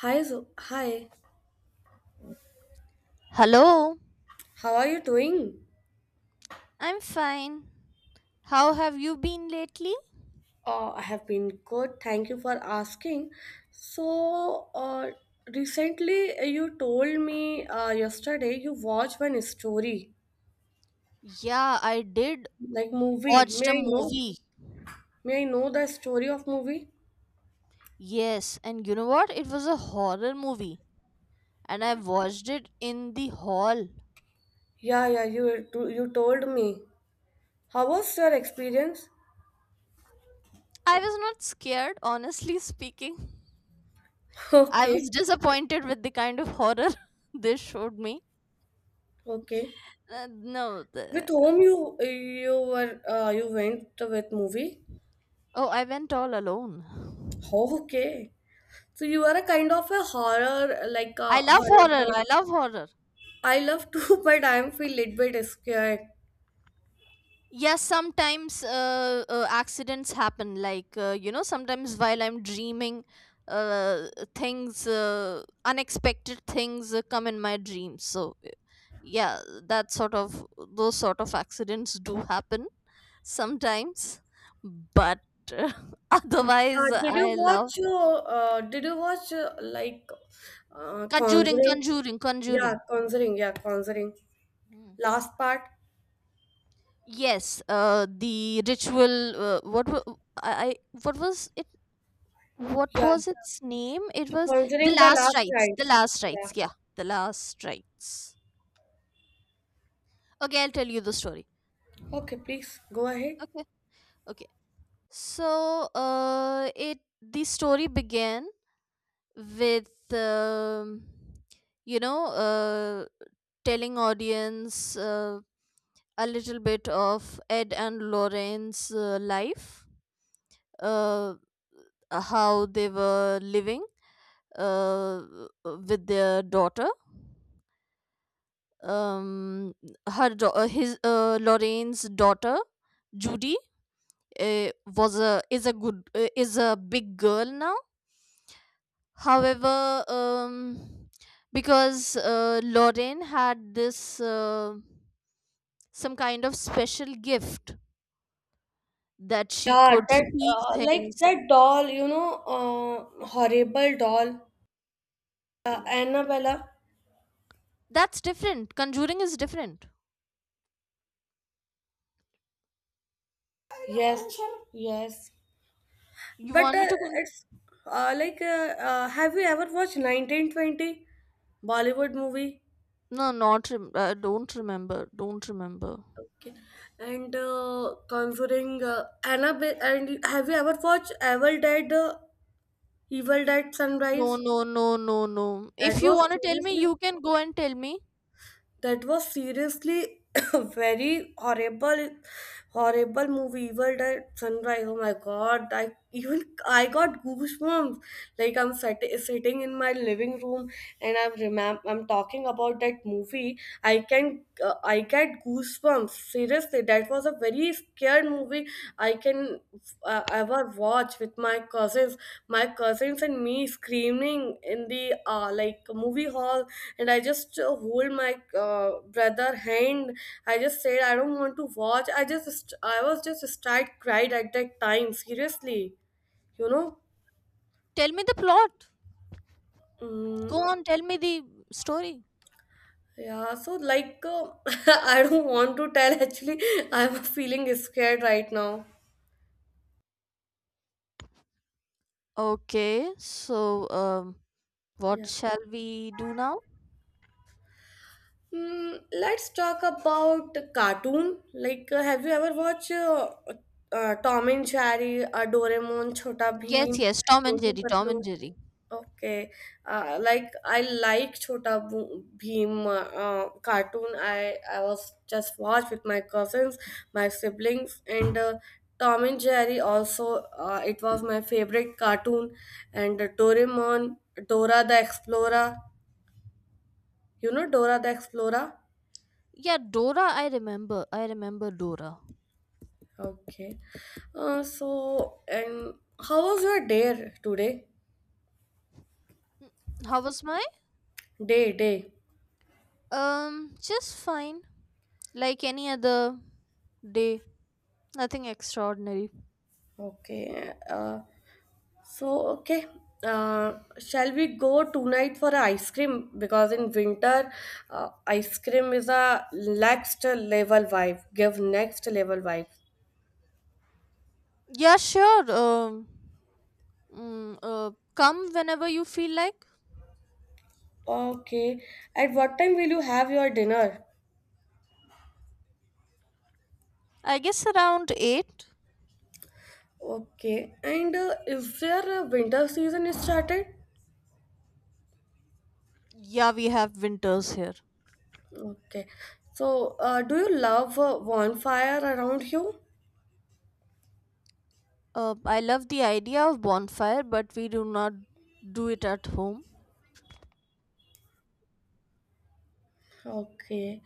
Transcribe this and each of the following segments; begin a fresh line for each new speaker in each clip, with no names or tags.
Hi, hi.
Hello,
How are you doing?
I'm fine. How have you been lately?
I have been good. Thank you for asking. So, uh, Recently you told me yesterday you watched one story,
Yeah, I did
like movie.
watch
May
the
I know?
movie.
May I know the story of movie?
Yes, and you know what? It was a horror movie, and I watched it in the hall.
Yeah, yeah. You told me. How was your experience?
I was not scared, honestly speaking. I was
Okay,
disappointed with the kind of horror they showed me.
okay.
No,
With
the-
whom you were you went with movie?
Oh, I went all alone.
Okay. So you are a kind of a horror, like a
I love horror.
horrible.
I love horror.
I love to, but I'm feel little bit scared.
Yes, sometimes accidents happen. Sometimes while I'm dreaming, uh, things, unexpected things come in my dreams. Yeah, those sort of accidents do happen sometimes. But uh,
Uh,
otherwise,
did you
I
watch?
love
Did you watch
Conjuring,
Conjuring?
Conjuring,
Yeah,
Conjuring.
Conjuring. Yeah, Conjuring.
Hmm.
Last part.
Yes, the ritual, what, wa- I- what was what
Yeah,
was its name? It was The
Conjuring the
Last
Last
Rites. The
Rites.
Last
Yeah.
Rites. Yeah, The Last Rites. Okay, I'll tell you the story.
Okay, please go ahead.
Okay. Okay. So, it the story began with you know uh, telling audience, a little bit of Ed and Lorraine's life, uh, how they were living uh, with their daughter. Um her do- his Lorraine's daughter Judy uh, was a is a good is a big girl now. However, because Lorraine had this, some kind of special gift that she
Yeah,
could
that
see
like
things.
that doll, you know, horrible doll, Annabella.
That's different. Conjuring is different.
Yes, yes.
You
But
want
uh,
me to con-
it's have you ever watched 1920 Bollywood movie?
No, not rem- don't remember, don't remember.
Okay. And Conjuring, Annabelle, and have you ever watched Evil Dead, Evil Dead
No,
Sunrise?
no, no, no, no.
That
If you
was
want to tell me,
seriously
you can go and tell me.
that was seriously very horrible horrible movie, evil dead sunrise, oh my god, I even I got goosebumps, like I'm sitting in my living room, and I'm I'm talking about that movie. I can I get goosebumps, seriously, that was a very scared movie I can ever watch with my cousins. My cousins and me screaming in the like movie hall, and I just hold my brother hand. I just said I don't want to watch. I was just start cried at that time. Seriously, you know.
Tell me the plot.
Mm,
Go on, tell me the story.
yeah, so like I don't want to tell actually I'm feeling scared right now.
Okay, so um, what
Yeah.
shall we do now?
Hmm, let's talk about cartoon. Like, have you ever watched Tom and Jerry, Doraemon, Chota
Yes,
Bheem,
yes, Tom and
Roti
Jerry, Tom
Patlu?
and Jerry.
Okay, like I like Bheem cartoon. I was just watched with my cousins, my siblings, and Tom and Jerry also. It was my favorite cartoon, and Doraemon, Dora the Explorer. You know Dora the Explorer?
Yeah, Dora, I remember. I remember Dora.
Okay. So, and How was your day today?
How was my?
Day, day.
Just fine. Like any other day. Nothing extraordinary.
Okay. Okay. Shall we go tonight for a ice cream? Because in winter, ice cream is a next level vibe. Give next level vibe.
Yeah, sure. Come whenever you feel like.
Okay. At what time will you have your dinner?
I guess around 8.
Okay. And is there a winter season started?
Yeah, we have winters here.
Okay. So, do you love bonfire around you?
I love the idea of bonfire, but we do not do it at home.
Okay.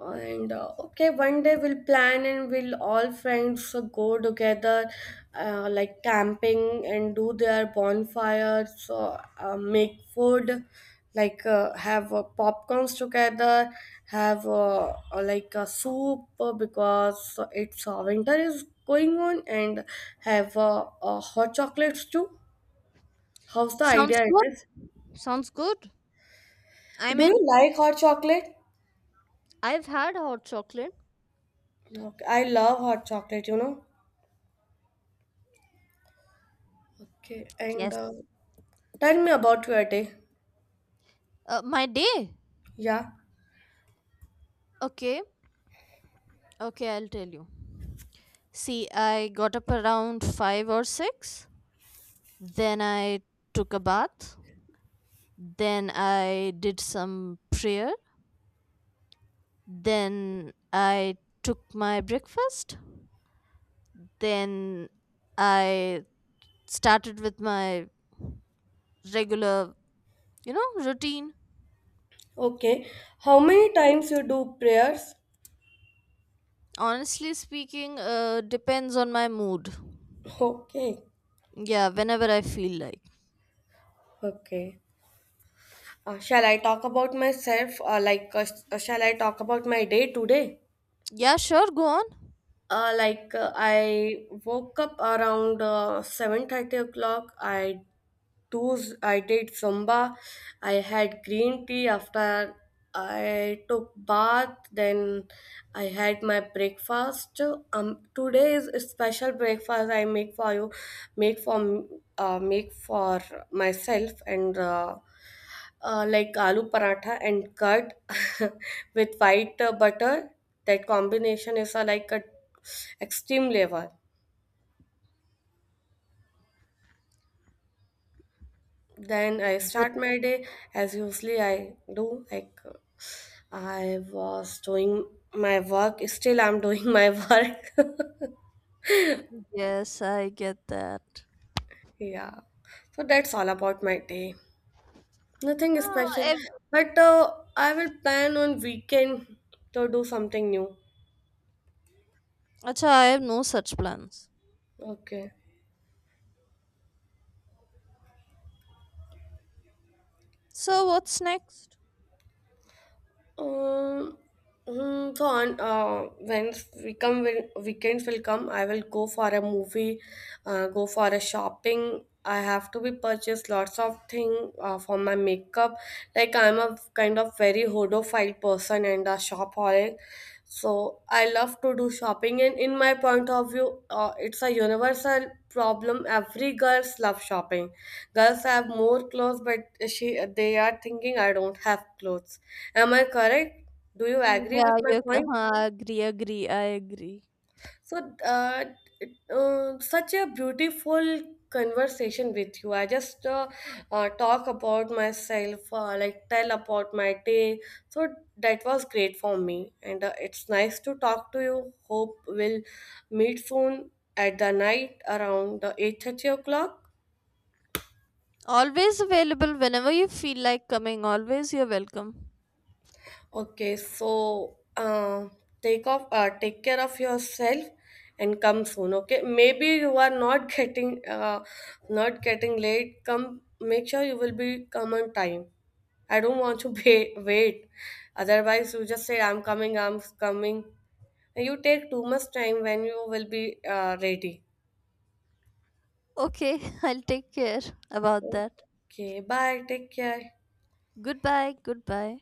One day we'll plan and we'll all friends go together, like camping and do their bonfires. So, make food, like have popcorns together, have like a soup because it's winter is going on, and have hot chocolates too. How's the
Sounds
idea it
good.
is?
Sounds good. i
Do you
mean,
like hot chocolate?
I've had hot chocolate.
Okay, I love hot chocolate, you know. Okay, and
Yes.
tell me about your day.
My day.
Yeah.
Okay, okay, I'll tell you. See, I got up around 5 or 6. Then I took a bath. Then I did some prayer. Then I took my breakfast. Then I started with my regular, you know, routine.
Okay. How many times you do prayers?
Honestly speaking, depends on my mood.
Okay.
Yeah, whenever I feel like.
Okay. Shall I talk about myself? Like, shall I talk about my day today?
Yeah, sure, go on.
Like, I woke up around 7:30 o'clock. I Those I did Zumba. I had green tea after I took bath. Then I had my breakfast. Today is a special breakfast I make for you, make for make for myself and like aloo paratha and curd with white butter. That combination is like a extreme level. Then I start my day as usually I do like. I was doing my work. Still, I'm doing my work.
Yes, I get that.
Yeah. So that's all about my day.
No,
Nothing special.
I,
But I will plan on weekend to do something new.
acha, I have no such plans.
Okay.
So what's next?
Um, hmm, so on When we come when weekends will come, I will go for a movie, go for a shopping. I have to be purchase lots of thing for my makeup. Like I'm a kind of very hodophile person and a shopaholic. So I love to do shopping, and in my point of view, it's a universal problem. Every girls love shopping. Girls have more clothes, but she they are thinking I don't have clothes. Am I correct? Do you
Mm,
agree with
yeah,
my
you can.
point?
हाँ, agree. I agree.
So, uh, Such a beautiful conversation with you. I just talk about myself, like tell about my day. So that was great for me, and it's nice to talk to you. Hope we'll meet soon at the night around 8:30.
Always available whenever you feel like coming. Always you're welcome.
Okay, so take care of yourself, and come soon. Okay, maybe you are not getting, not getting late. Come, make sure you will be come on time. I don't want to wait. Otherwise, you just say I'm coming, I'm coming. And you take too much time when you will be ready.
Okay, I'll take care about that.
Okay, bye. Take care.
Goodbye, goodbye.